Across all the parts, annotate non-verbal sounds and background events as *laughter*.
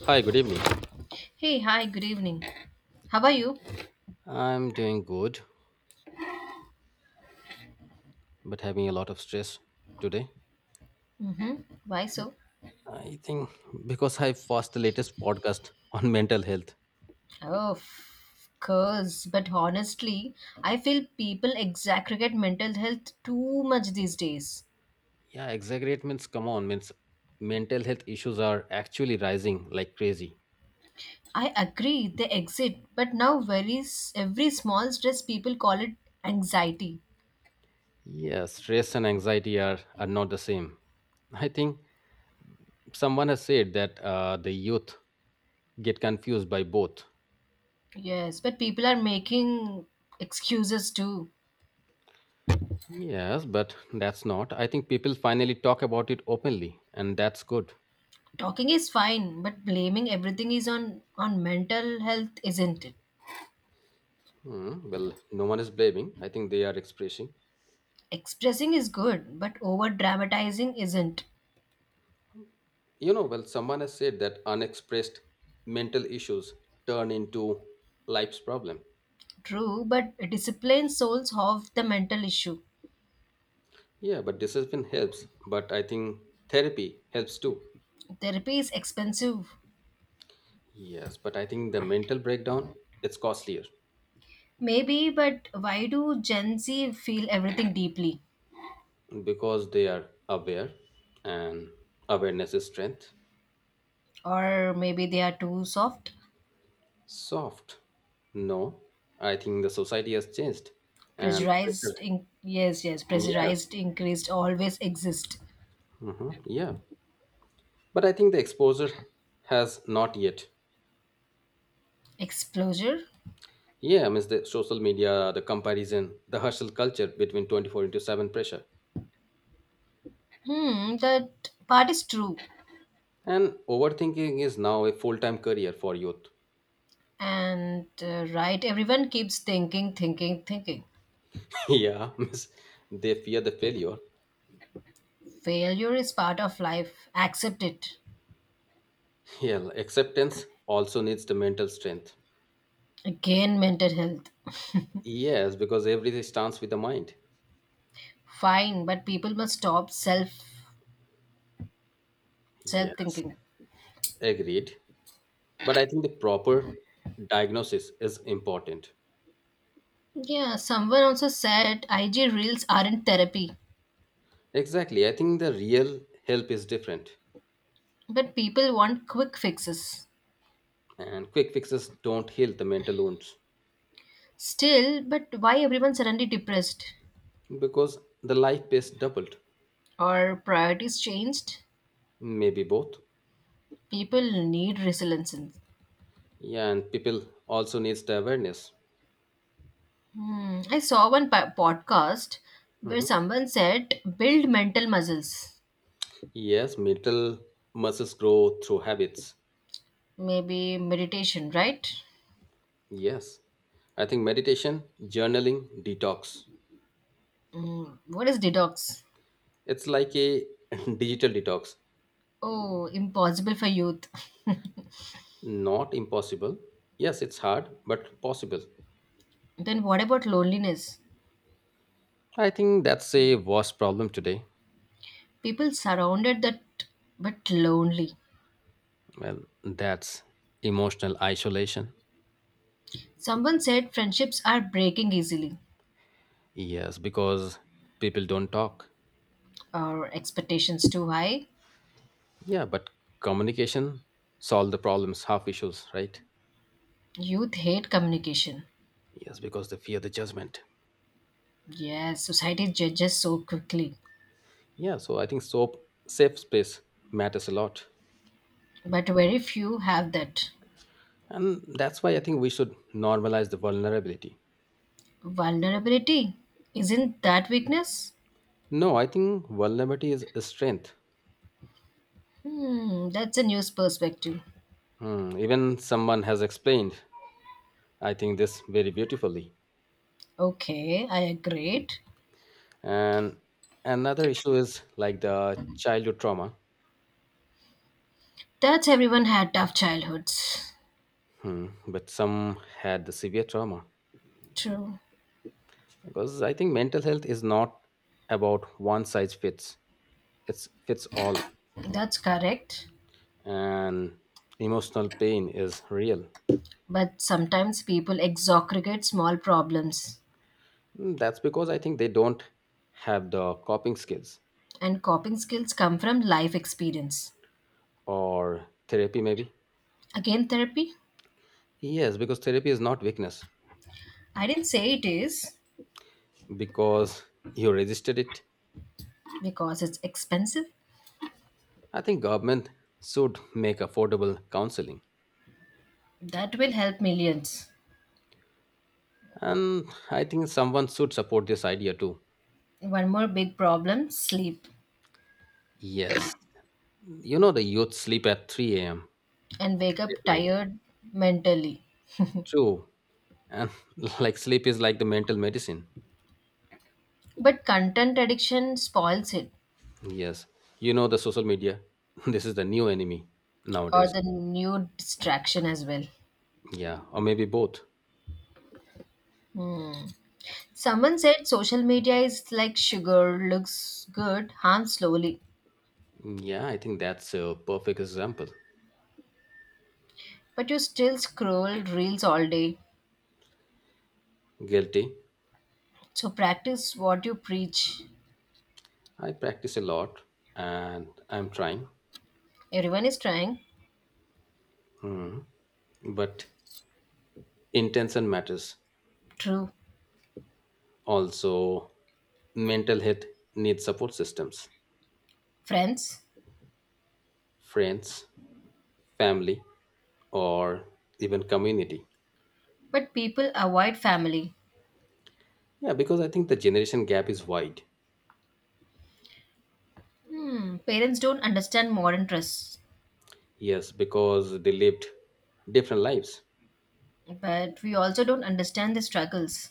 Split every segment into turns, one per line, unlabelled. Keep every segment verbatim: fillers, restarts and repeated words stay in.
Hi, good evening.
Hey, hi, good evening. How are you?
I'm doing good, but having a lot of stress today.
Mm-hmm. Why so?
I think because I watched the latest podcast *laughs* on mental health.
Oh, of course. But honestly, I feel people exaggerate mental health too much these days.
Yeah, exaggerate means come on, means mental health issues are actually rising like crazy.
I agree, they exit, but now very s- every small stress people call it anxiety.
Yeah, stress and anxiety are, are not the same. I think someone has said that uh, the youth get confused by both.
Yes, but people are making excuses too.
Yes, but that's not. I think people finally talk about it openly, and that's good.
Talking is fine, but blaming everything is on on mental health, isn't it?
Hmm, well, no one is blaming. I think they are expressing.
Expressing is good, but over dramatizing isn't.
You know, well, someone has said that unexpressed mental issues turn into life's problem.
True, but discipline solves half the mental issue.
Yeah, but discipline helps. But I think therapy helps too.
Therapy is expensive.
Yes, but I think the mental breakdown it's costlier
Maybe, but why do Gen Z feel everything deeply?
because they are aware, and awareness is strength.
Or maybe they are too soft?
Soft. No, I think the society has changed, and
Pressurized, in- yes, yes,
yes,
pressurized, increased, always exist.
hmm yeah. But I think the exposure has not yet.
Exposure?
Yeah, I mean the social media, the comparison, the hustle culture, between twenty-four into seven pressure,
Hmm, that part is true.
and overthinking is now a full-time career for youth.
And uh, right, everyone keeps thinking, thinking, thinking.
*laughs* Yeah, *laughs* miss they fear the failure.
Failure is part of life. Accept it.
Yeah, acceptance also needs the mental strength.
Again, mental health.
Yes, because everything starts with the mind.
Fine, but people must stop self self
Yes,
thinking.
agreed. But I think the proper diagnosis is important.
Yeah, someone also said I G reels aren't therapy,
Exactly, I think the real help is different.
but people want quick fixes.
And quick fixes don't heal the mental wounds.
Still, but why everyone suddenly depressed?
Because the life pace doubled.
Or priorities changed?
Maybe both.
People need resilience.
Yeah, and people also needs the awareness.
Hmm. I saw one po- podcast where
Mhm.
someone said build mental muscles.
Yes, mental muscles grow through habits.
Maybe meditation, right?
Yes, I think meditation, journaling, detox.
Hmm. What is detox?
It's like a *laughs* digital detox.
Oh, impossible for youth. *laughs*
Not impossible. Yes, it's hard but possible.
Then what about loneliness?
I think that's a worst problem today.
People surrounded that but lonely.
Well, that's emotional isolation.
Someone said friendships are breaking easily,
Yes, because people don't talk.
or expectations too high.
Yeah, but communication solve the problems, half issues, right?
Youth hate communication.
Yes, because they fear the judgment.
Yes, society judges so quickly,
Yeah, so I think soap safe space matters a lot.
but very few have that.
And that's why I think we should normalize the vulnerability.
Vulnerability isn't that weakness?
No, I think vulnerability is a strength.
Hmm, that's a news perspective.
Hmm, even someone has explained, I think this very beautifully.
Okay, I agreed.
And another issue is like the childhood trauma.
That's everyone had tough childhoods.
Hmm, but some had the severe trauma.
True.
Because I think mental health is not about one size fits, it's fits all.
That's correct.
And emotional pain is real.
But sometimes people exaggerate small problems,
Mm, that's because I think they don't have the coping skills,
and coping skills come from life experience.
or therapy maybe.
Again, therapy?
Yes, because therapy is not weakness.
I didn't say it is
Because you resisted it.
because it's expensive.
I think government should make affordable counseling.
That will help millions.
And I think someone should support this idea too.
One more big problem, sleep,
Yes, you know the youth sleep at three a m
and wake up
late night.
tired mentally.
True, and *laughs* like sleep is like the mental medicine.
But content addiction spoils it,
Yes, you know the social media, *laughs* this is the new enemy
or
nowadays.
the new distraction as well.
Yeah, or maybe both.
Hmm. Someone said social media is like sugar, looks good, harms slowly.
Yeah, I think that's a perfect example.
But you still scroll reels all day.
Guilty.
So practice what you preach.
I practice a lot, and I'm trying.
Everyone is trying.
But intention matters.
True.
Also, mental health needs support systems.
Friends.
Friends, family, or even community.
But people avoid family.
Yeah, because I think the generation gap is wide.
Hmm. Parents don't understand modern trust.
Yes, because they lived different lives.
But we also don't understand the struggles.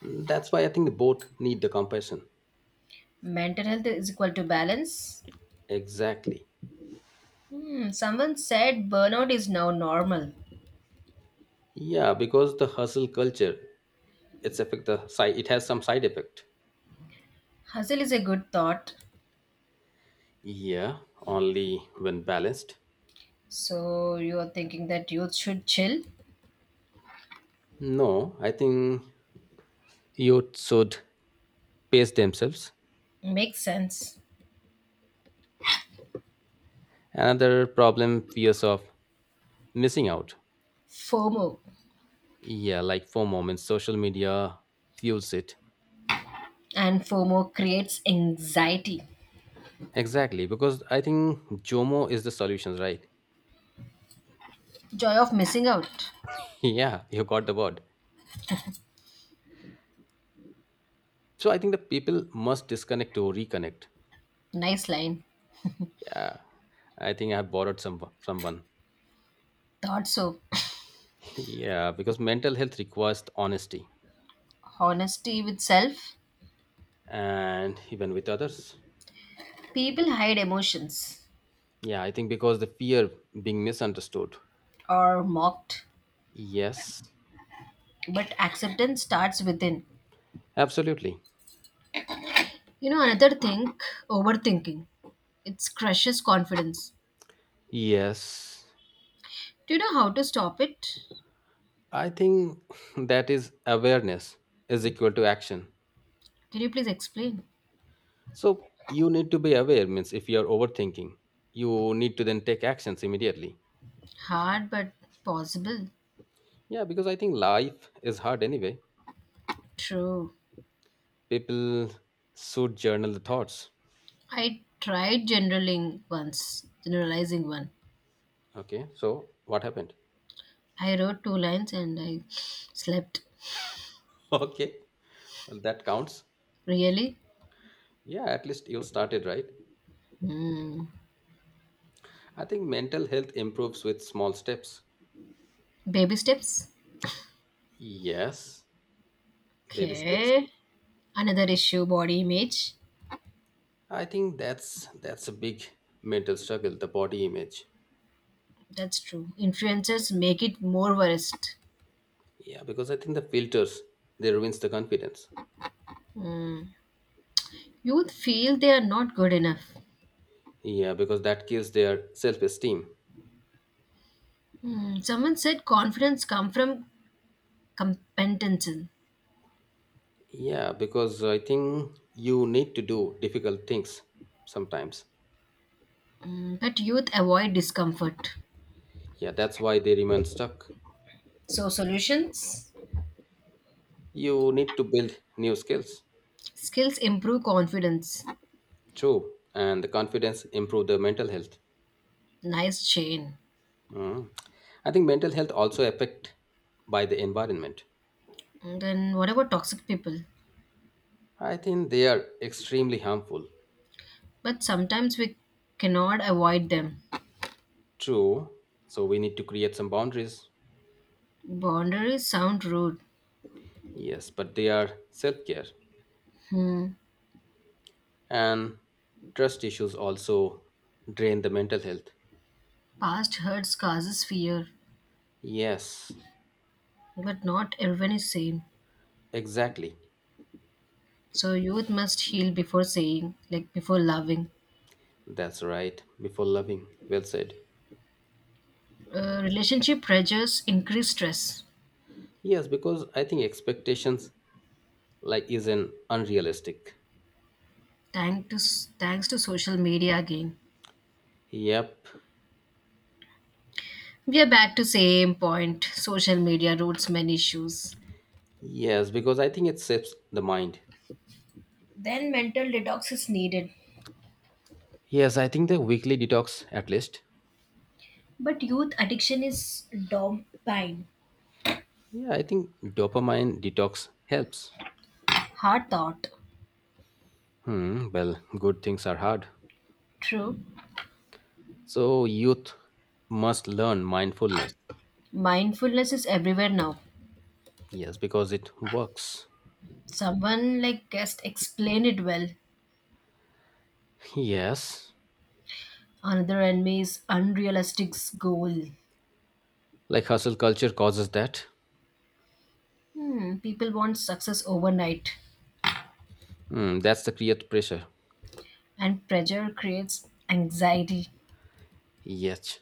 That's why I think both need the compassion.
Mental health is equal to balance.
Exactly.
Hmm. Someone said burnout is now normal.
Yeah, because the hustle culture, it's affect the side. It has some side effect.
Hustle is a good thought.
Yeah, only when balanced.
So you are thinking that youth should chill?
No, I think youth should pace themselves.
Makes sense.
Another problem fears of missing out.
FOMO.
Yeah, like for moments, social media fuels it.
And FOMO creates anxiety.
Exactly, because I think Jomo is the solution, right?
Joy of missing out.
*laughs* Yeah, you got the word. So I think the people must disconnect to reconnect.
Nice line.
Yeah, I think I have borrowed some someone. *laughs*
Thought so.
Yeah, because mental health requires honesty,
Honesty with self.
and even with others.
People hide emotions,
Yeah, I think because the fear being misunderstood.
or mocked,
Yes,
but acceptance starts within.
absolutely.
You know, another thing, overthinking. It crushes confidence.
Yes,
Do you know how to stop it?
I think *laughs* that is awareness is equal to action.
Can you please explain?
So you need to be aware means if you are overthinking, you need to then take actions immediately.
Hard but possible.
Yeah, because I think life is hard anyway.
True.
People should journal the thoughts.
I tried generaling once, generalizing one.
Okay, so what happened?
I wrote two lines and I slept.
*laughs* Okay, well that counts.
Really?
Yeah, at least you started, right?
Hmm.
I think mental health improves with small steps.
Baby steps.
Yes, baby steps.
Okay. Another issue, body image.
I think that's that's a big mental struggle, the body image.
That's true. Influencers make it more worst.
Yeah, because I think the filters, they ruins the confidence.
Youth feel they are not good enough.
Yeah, because that kills their self-esteem.
Hmm, someone said confidence come from competence.
Yeah, because I think you need to do difficult things sometimes.
Hmm, but youth avoid discomfort.
Yeah, that's why they remain stuck.
So solutions,
You need to build new skills,
skills improve confidence.
true, and the confidence improve the mental health.
Nice chain.
Mm. I think mental health also affect by the environment.
And then what about toxic people?
I think they are extremely harmful,
But sometimes we cannot avoid them.
true. So we need to create some boundaries.
Boundaries sound rude.
Yes, but they are self care,
Hmm.
and trust issues also drain the mental health.
Past hurts causes fear,
Yes,
but not everyone is same.
exactly.
So youth must heal before saying, like before loving.
That's right. Before loving, well said.
Uh, relationship pressures increase stress.
Yes, because I think expectations like is an unrealistic.
Thanks to thanks to social media again.
Yep.
We are back to same point. Social media roots many issues.
Yes, because I think it saps the mind.
Then mental detox is needed.
Yes, I think the weekly detox at least.
But youth addiction is dopamine.
Yeah, I think dopamine detox helps.
Hard thought.
Hmm, well, good things are hard.
True.
So youth must learn mindfulness.
Mindfulness is everywhere now.
Yes, because it works.
Someone like guest explained it well.
Yes.
Another enemy is unrealistic goal.
Like hustle culture causes that.
Hmm, people want success overnight,
Hmm, that's the create pressure.
and pressure creates anxiety.
Yes.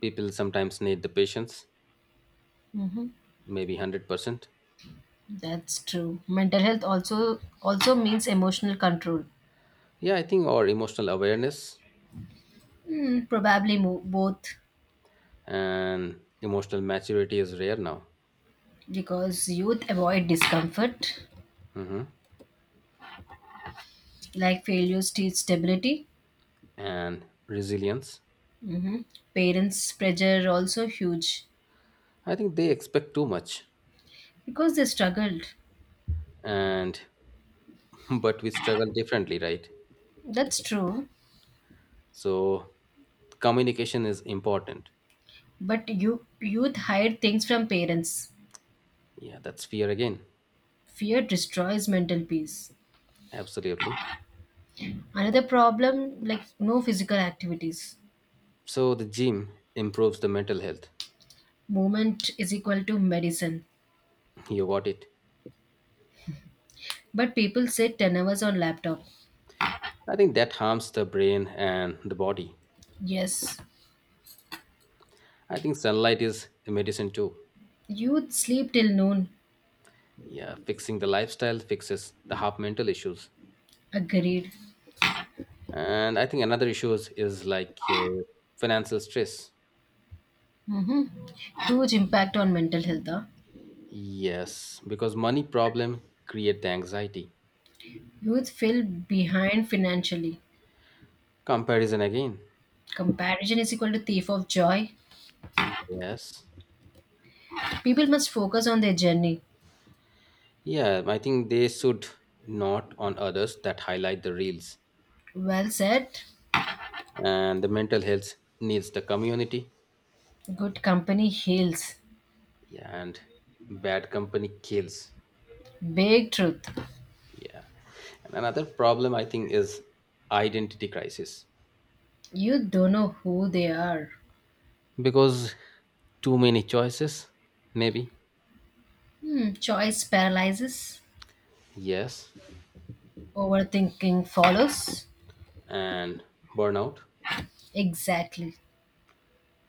People sometimes need the patience,
Hmm.
maybe one hundred percent.
That's true. Mental health also also means emotional control.
Yeah, I think or emotional awareness.
Hmm, probably mo- both,
And emotional maturity is rare now.
because youth avoid discomfort,
Mhm.
like failures teach stability.
And resilience.
hmm Parents' pressure also huge,
I think they expect too much,
because they struggled.
and *laughs* but we struggle differently, right?
That's true,
So communication is important.
but you youth hide things from parents.
Yeah, that's fear again.
Fear destroys mental peace.
Absolutely.
Another problem, like no physical activities.
So the gym improves the mental health.
Movement is equal to medicine.
*laughs* You got it.
But people sit ten hours on laptop.
I think that harms the brain and the body.
Yes.
I think sunlight is a medicine too.
Youth sleep till noon.
Yeah, fixing the lifestyle fixes the half mental issues.
Agreed.
And I think another issue is, is like uh, financial stress.
Mm-hmm. Huge impact on mental health. Huh?
Yes, because money problem create the anxiety.
Youth feel behind financially.
Comparison again.
Comparison is equal to thief of joy.
Yes.
People must focus on their journey.
Yeah, I think they should, not on others that highlight the reels.
Well said.
And the mental health needs the community.
Good company heals.
Yeah, and bad company kills.
Big truth.
Yeah, and another problem I think is identity crisis.
You don't know who they are.
Because too many choices maybe.
Hmm, choice paralyzes,
Yes,
overthinking follows.
and burnout.
Exactly.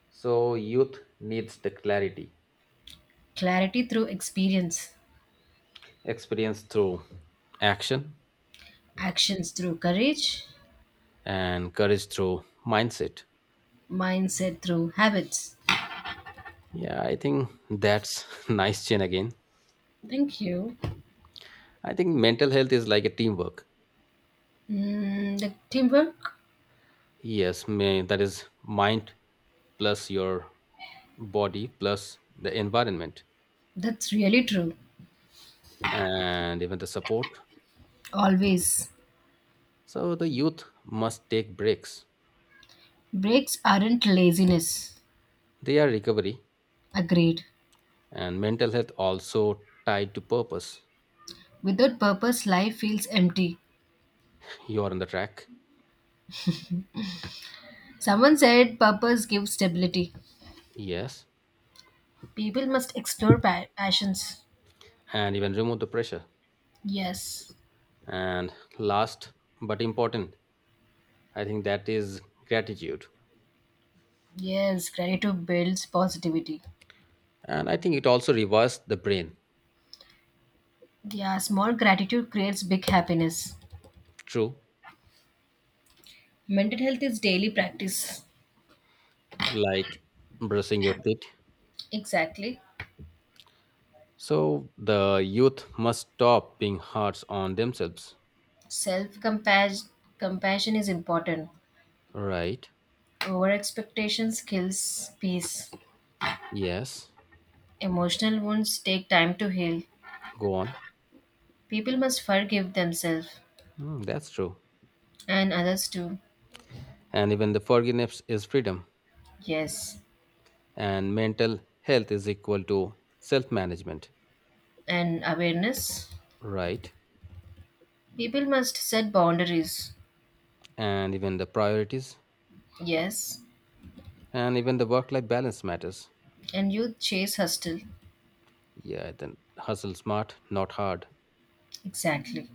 So, youth needs the clarity,
Clarity through experience,
experience through action,
actions through courage,
and courage through mindset.
mindset through habits.
Yeah, I think that's *laughs* nice, Chen, again.
Thank you.
I think mental health is like a teamwork.
Mm, the teamwork,
Yes, may, that is mind plus your body plus the environment,
that's really true.
and even the support.
Always.
So the youth must take breaks.
Breaks aren't laziness.
They are recovery,
Agreed.
and mental health also tied to purpose.
Without purpose, life feels empty.
You are on the track.
Someone said purpose gives stability.
Yes,
People must explore pa- passions.
and even remove the pressure.
Yes.
And last but important, I think that is gratitude.
Yes, gratitude builds positivity.
And I think it also revives the brain.
Yeah, small gratitude creates big happiness.
True,
Mental health is daily practice.
like brushing your teeth.
Exactly.
So the youth must stop being hard on themselves.
Self compassion is important.
Right.
Over expectations kills peace.
Yes,
Emotional wounds take time to heal.
go on.
People must forgive themselves
Hmm, that's true.
and others too.
And even the forgiveness is freedom.
Yes.
And mental health is equal to self management.
And awareness.
Right.
People must set boundaries.
And even the priorities.
Yes.
And even the work life balance matters.
And youth chase hustle.
Yeah, then hustle smart, not hard.
Exactly.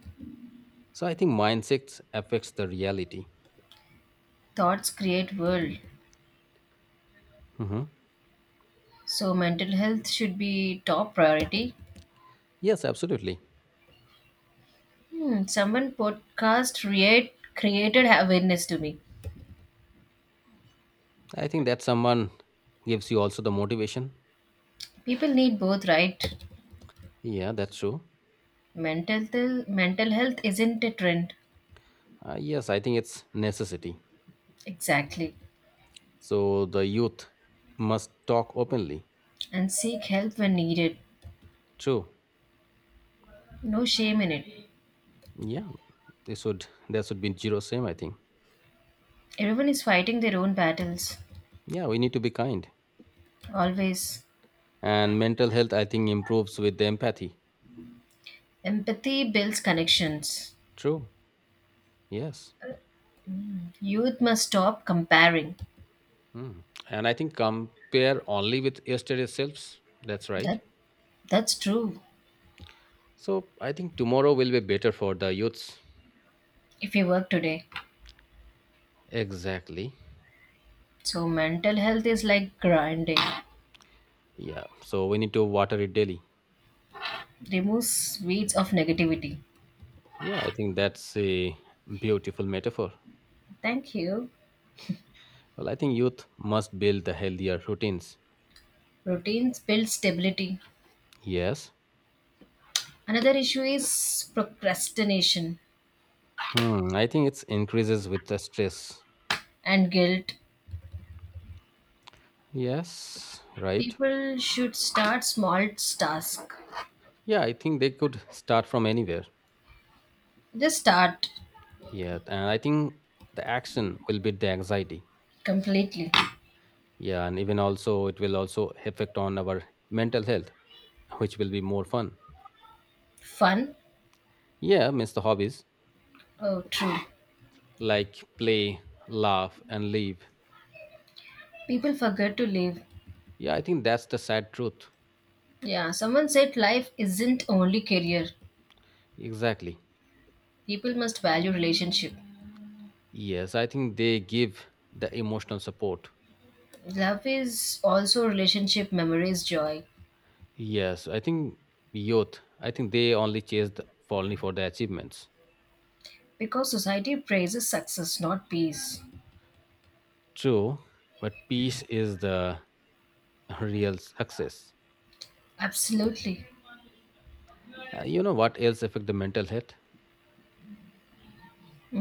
So I think mindset affects the reality.
Thoughts create world.
Hmm.
So mental health should be top priority.
Yes, absolutely.
Hmm, someone podcast create, created awareness to me.
I think that someone gives you also the motivation.
People need both, right?
Yeah, that's true.
Mental th- mental health isn't a trend,
Uh, yes, I think it's necessity.
exactly,
So the youth must talk openly.
and seek help when needed.
True.
No shame in it.
Yeah, they should. There should be zero same. I think.
Everyone is fighting their own battles.
Yeah, we need to be kind.
Always,
And mental health, I think, improves with the empathy.
empathy builds connections.
True. Yes.
Youth must stop comparing.
Mm. And I think compare only with yesterday's selves. That's right.
That that's true.
So I think tomorrow will be better for the youths.
If you work today,
Exactly.
so mental health is like grinding,
Yeah. So we need to water it daily.
removes weeds of negativity.
Yeah. I think that's a beautiful metaphor.
Thank you.
Well, I think youth must build the healthier routines.
Routines build stability.
Yes.
Another issue is procrastination
Hmm. I think it increases with the stress.
and guilt.
Yes. Right.
People should start small tasks.
Yeah. I think they could start from anywhere.
Just start
Yeah. And I think the action will beat the anxiety.
completely.
Yeah, and even also it will also affect on our mental health, which will be more fun.
Fun?
Yeah, miss the hobbies.
Oh, true.
Like play, laugh, and leave.
People forget to live.
Yeah, I think that's the sad truth.
Yeah, someone said life isn't only career.
Exactly.
People must value relationship.
Yes, I think they give the emotional support.
Love is also relationship, memories, joy.
Yes, I think youth, I think they only chase the, for only for the achievements.
Because society praises success, not peace.
True, but peace is the real success.
Absolutely.
Uh, you know what else affect the mental health?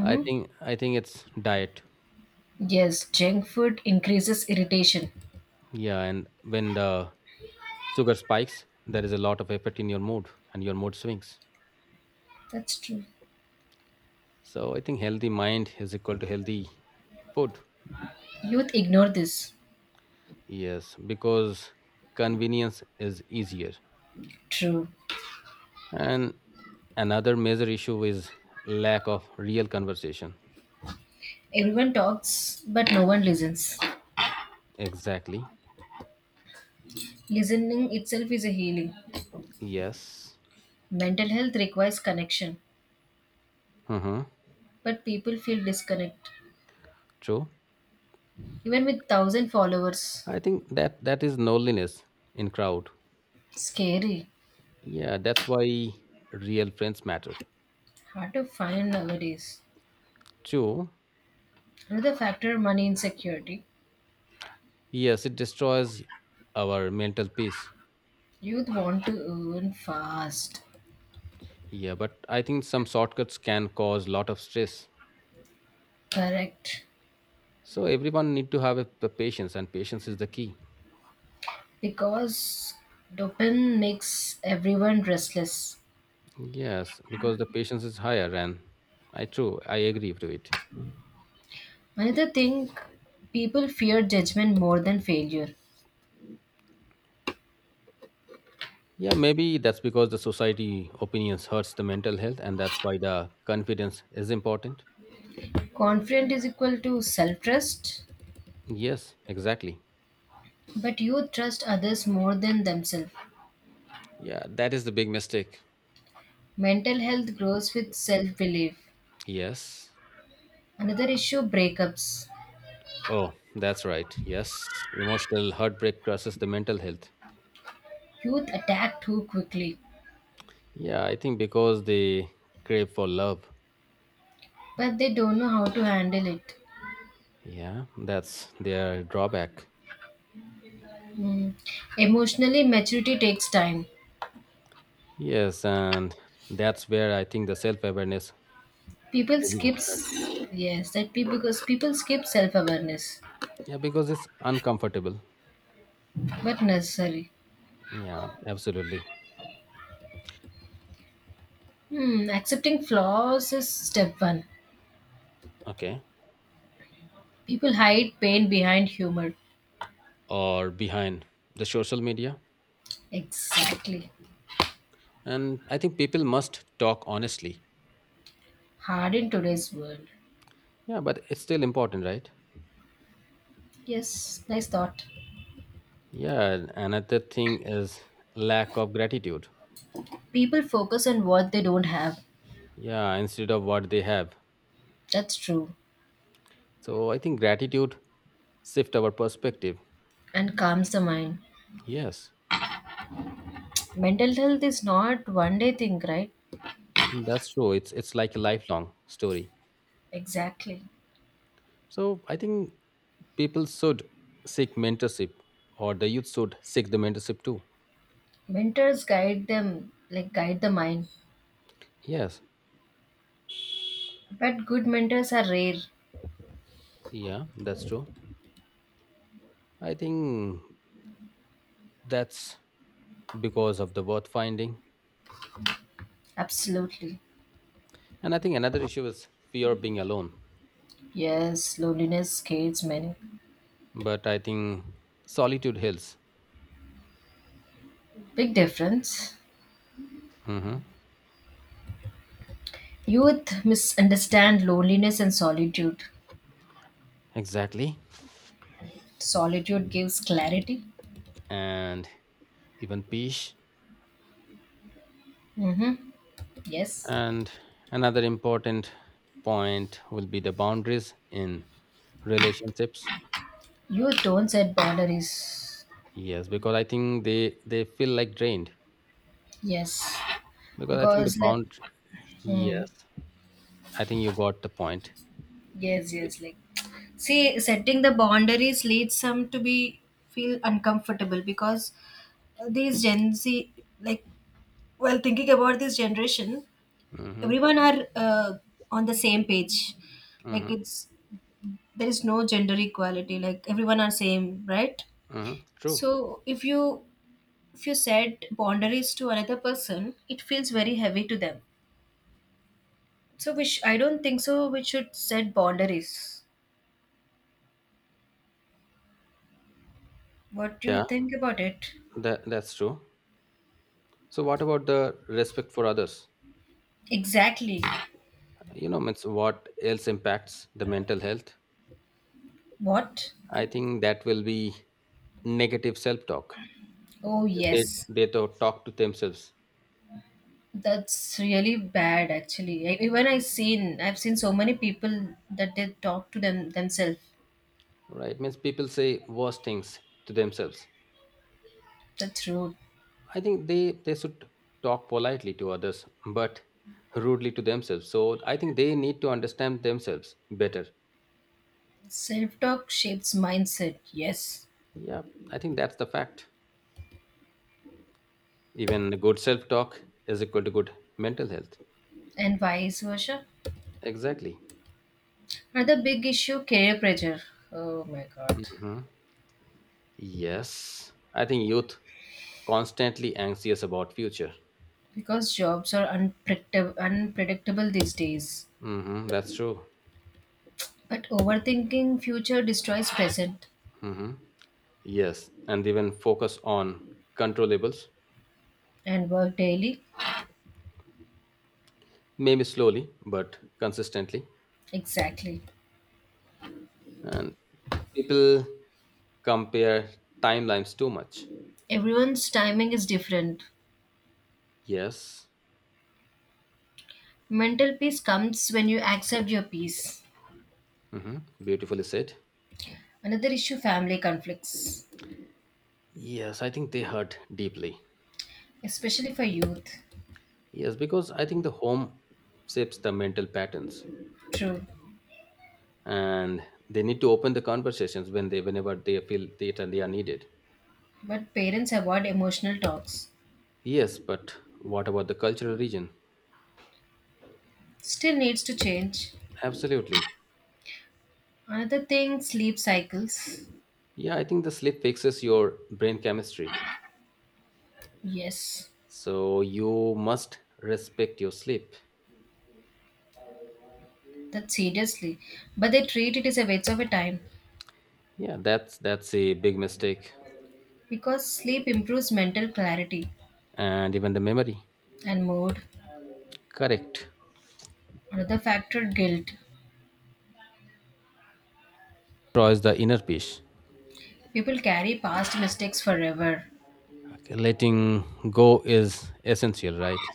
i think i think it's diet.
Yes, junk food increases irritation.
Yeah, and when the sugar spikes there is a lot of effect in your mood, and your mood swings.
That's true.
So I think healthy mind is equal to healthy food.
Youth ignore this.
Yes, because convenience is easier.
True.
And another major issue is lack of real conversation.
Everyone talks, but no one listens.
Exactly.
Listening itself is a healing.
Yes.
Mental health requires connection,
Mm-hmm.
but people feel disconnect.
True.
Even with thousand followers,
I think that that is loneliness in crowd.
scary.
Yeah, that's why real friends matter.
Hard to find nowadays.
True.
Another factor, money insecurity.
Yes, it destroys our mental peace.
Youth want to earn fast.
Yeah, but I think some shortcuts can cause lot of stress.
Correct.
So everyone need to have a, the patience, and patience is the key.
Because dopamine makes everyone restless.
Yes, because the patience is higher, and I true, I agree to it.
Another thing, people fear judgment more than failure.
Yeah, maybe that's because the society opinions hurts the mental health, and that's why the confidence is important.
Confidence is equal to self trust,
Yes, exactly.
but you trust others more than themselves.
Yeah, that is the big mistake.
Mental health grows with self belief.
Yes.
Another issue, breakups.
Oh, that's right. Yes, emotional heartbreak crushes the mental health.
Youth attack too quickly,
Yeah, I think because they crave for love.
but they don't know how to handle it.
Yeah, that's their drawback.
Mm. Emotionally, maturity takes time.
Yes, and that's where I think the self awareness
People
education.
skips. Yes, that people, because people skip self awareness.
Yeah, because it's uncomfortable.
But necessary.
Yeah, absolutely.
Hmm, accepting flaws is step one.
Okay.
People hide pain behind humor.
Or behind the social media.
Exactly.
And I think people must talk honestly.
Hard in today's world.
Yeah, but it's still important, right?
Yes, nice thought.
Yeah, another thing is lack of gratitude.
People focus on what they don't have.
Yeah, instead of what they have.
That's true.
So I think gratitude shift our perspective.
And calms the mind.
Yes,
Mental health is not one day thing, right?
that's true. It's it's like a lifelong story.
Exactly.
So I think people should seek mentorship, or the youth should seek the mentorship too.
Mentors guide them, like guide the mind.
Yes,
But good mentors are rare.
yeah, that's true. I think that's because of the worth finding,
Absolutely.
and I think another issue is fear of being alone.
Yes, loneliness scares many.
But I think solitude heals.
Big difference.
Hills. Hmm.
Youth misunderstand loneliness and solitude.
Exactly,
Solitude gives clarity.
and even peace.
Yes.
And another important point will be the boundaries in relationships.
Youth don't set boundaries.
Yes, because I think they they feel like drained.
Yes.
Because I think the
Because like
bound.
hmm,
Yes, I think you got the point.
yes, yes, like see setting the boundaries leads some to be feel uncomfortable because these Gen Z, like well thinking about this generation,
Mm-hmm,
everyone are uh, on the same page. Like,
mm-hmm,
it's there is no gender equality, like everyone are same, right?
mm-hmm. True.
So if you if you set boundaries to another person, it feels very heavy to them. So which I don't think so we should set boundaries. What do you
Yeah,
think about it?
that that's true. So, what about the respect for others?
Exactly.
You know, means what else impacts the mental health?
What?
I think that will be negative self-talk.
Oh
They
yes.
they to- talk to themselves,
That's really bad actually. I- Even I seen I've seen so many people that they talk to them themselves.
right? Means people say worse things to themselves.
That's rude.
I think they they should talk politely to others, but rudely to themselves. So I think they need to understand themselves better.
Self talk shapes mindset, yes.
Yeah, I think that's the fact. Even good self talk is equal to good mental health.
And vice versa.
Exactly.
Another big issue, career pressure. Oh my god.
Hmm. Yes, I think youth constantly anxious about future.
Because jobs are unpredictable, unpredictable these days.
Hmm, that's true.
But overthinking future destroys present
Hmm. Yes, and even focus on controllables,
and work daily.
maybe slowly but consistently.
Exactly.
And people compare timelines too much.
Everyone's timing is different.
Yes,
Mental peace comes when you accept your peace.
hmm beautifully said.
Another issue, family conflicts,
Yes, I think they hurt deeply.
especially for youth.
Yes, because I think the home shapes the mental patterns,
True.
and they need to open the conversations when they, whenever they feel that and they are needed.
But parents avoid emotional talks.
Yes, but what about the cultural region?
Still needs to change.
Absolutely.
Another thing, sleep cycles.
Yeah, I think the sleep fixes your brain chemistry,
Yes,
so you must respect your sleep.
that seriously. But they treat it as a waste of a time.
Yeah, that's that's a big mistake,
Because sleep improves mental clarity
and even the memory.
and mood.
Correct.
Another factor, guilt.
Destroys the inner peace.
People carry past mistakes forever.
Okay, letting go is essential, right?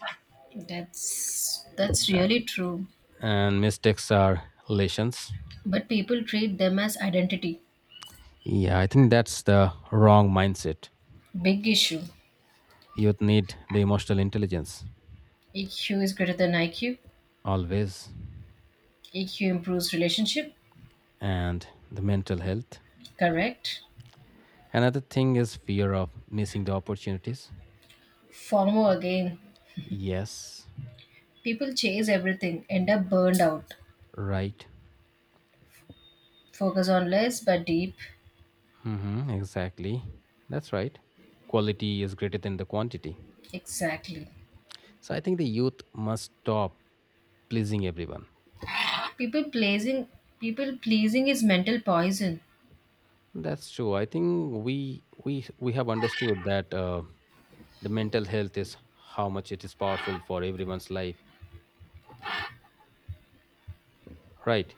That's that's really true.
And mistakes are lessons.
But people treat them as identity.
Yeah, I think that's the wrong mindset.
Big issue.
Youth need the emotional intelligence
E Q is greater than I Q.
always,
E Q improves relationship.
and the mental health.
Correct.
Another thing is fear of missing the opportunities.
FOMO again.
Yes,
People chase everything, end up burned out.
right.
Focus on less but deep.
Hmm exactly. That's right. Quality is greater than the quantity.
Exactly.
So I think the youth must stop pleasing everyone.
People pleasing people pleasing is mental poison.
That's true. I think we we we have understood that uh, the mental health is how much it is powerful for everyone's life, right?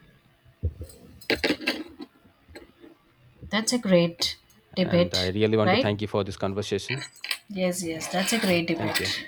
That's a great
And I
debate,
really want to
right?
thank you for this conversation.
Yes, yes, that's a great
Thank you.
debate.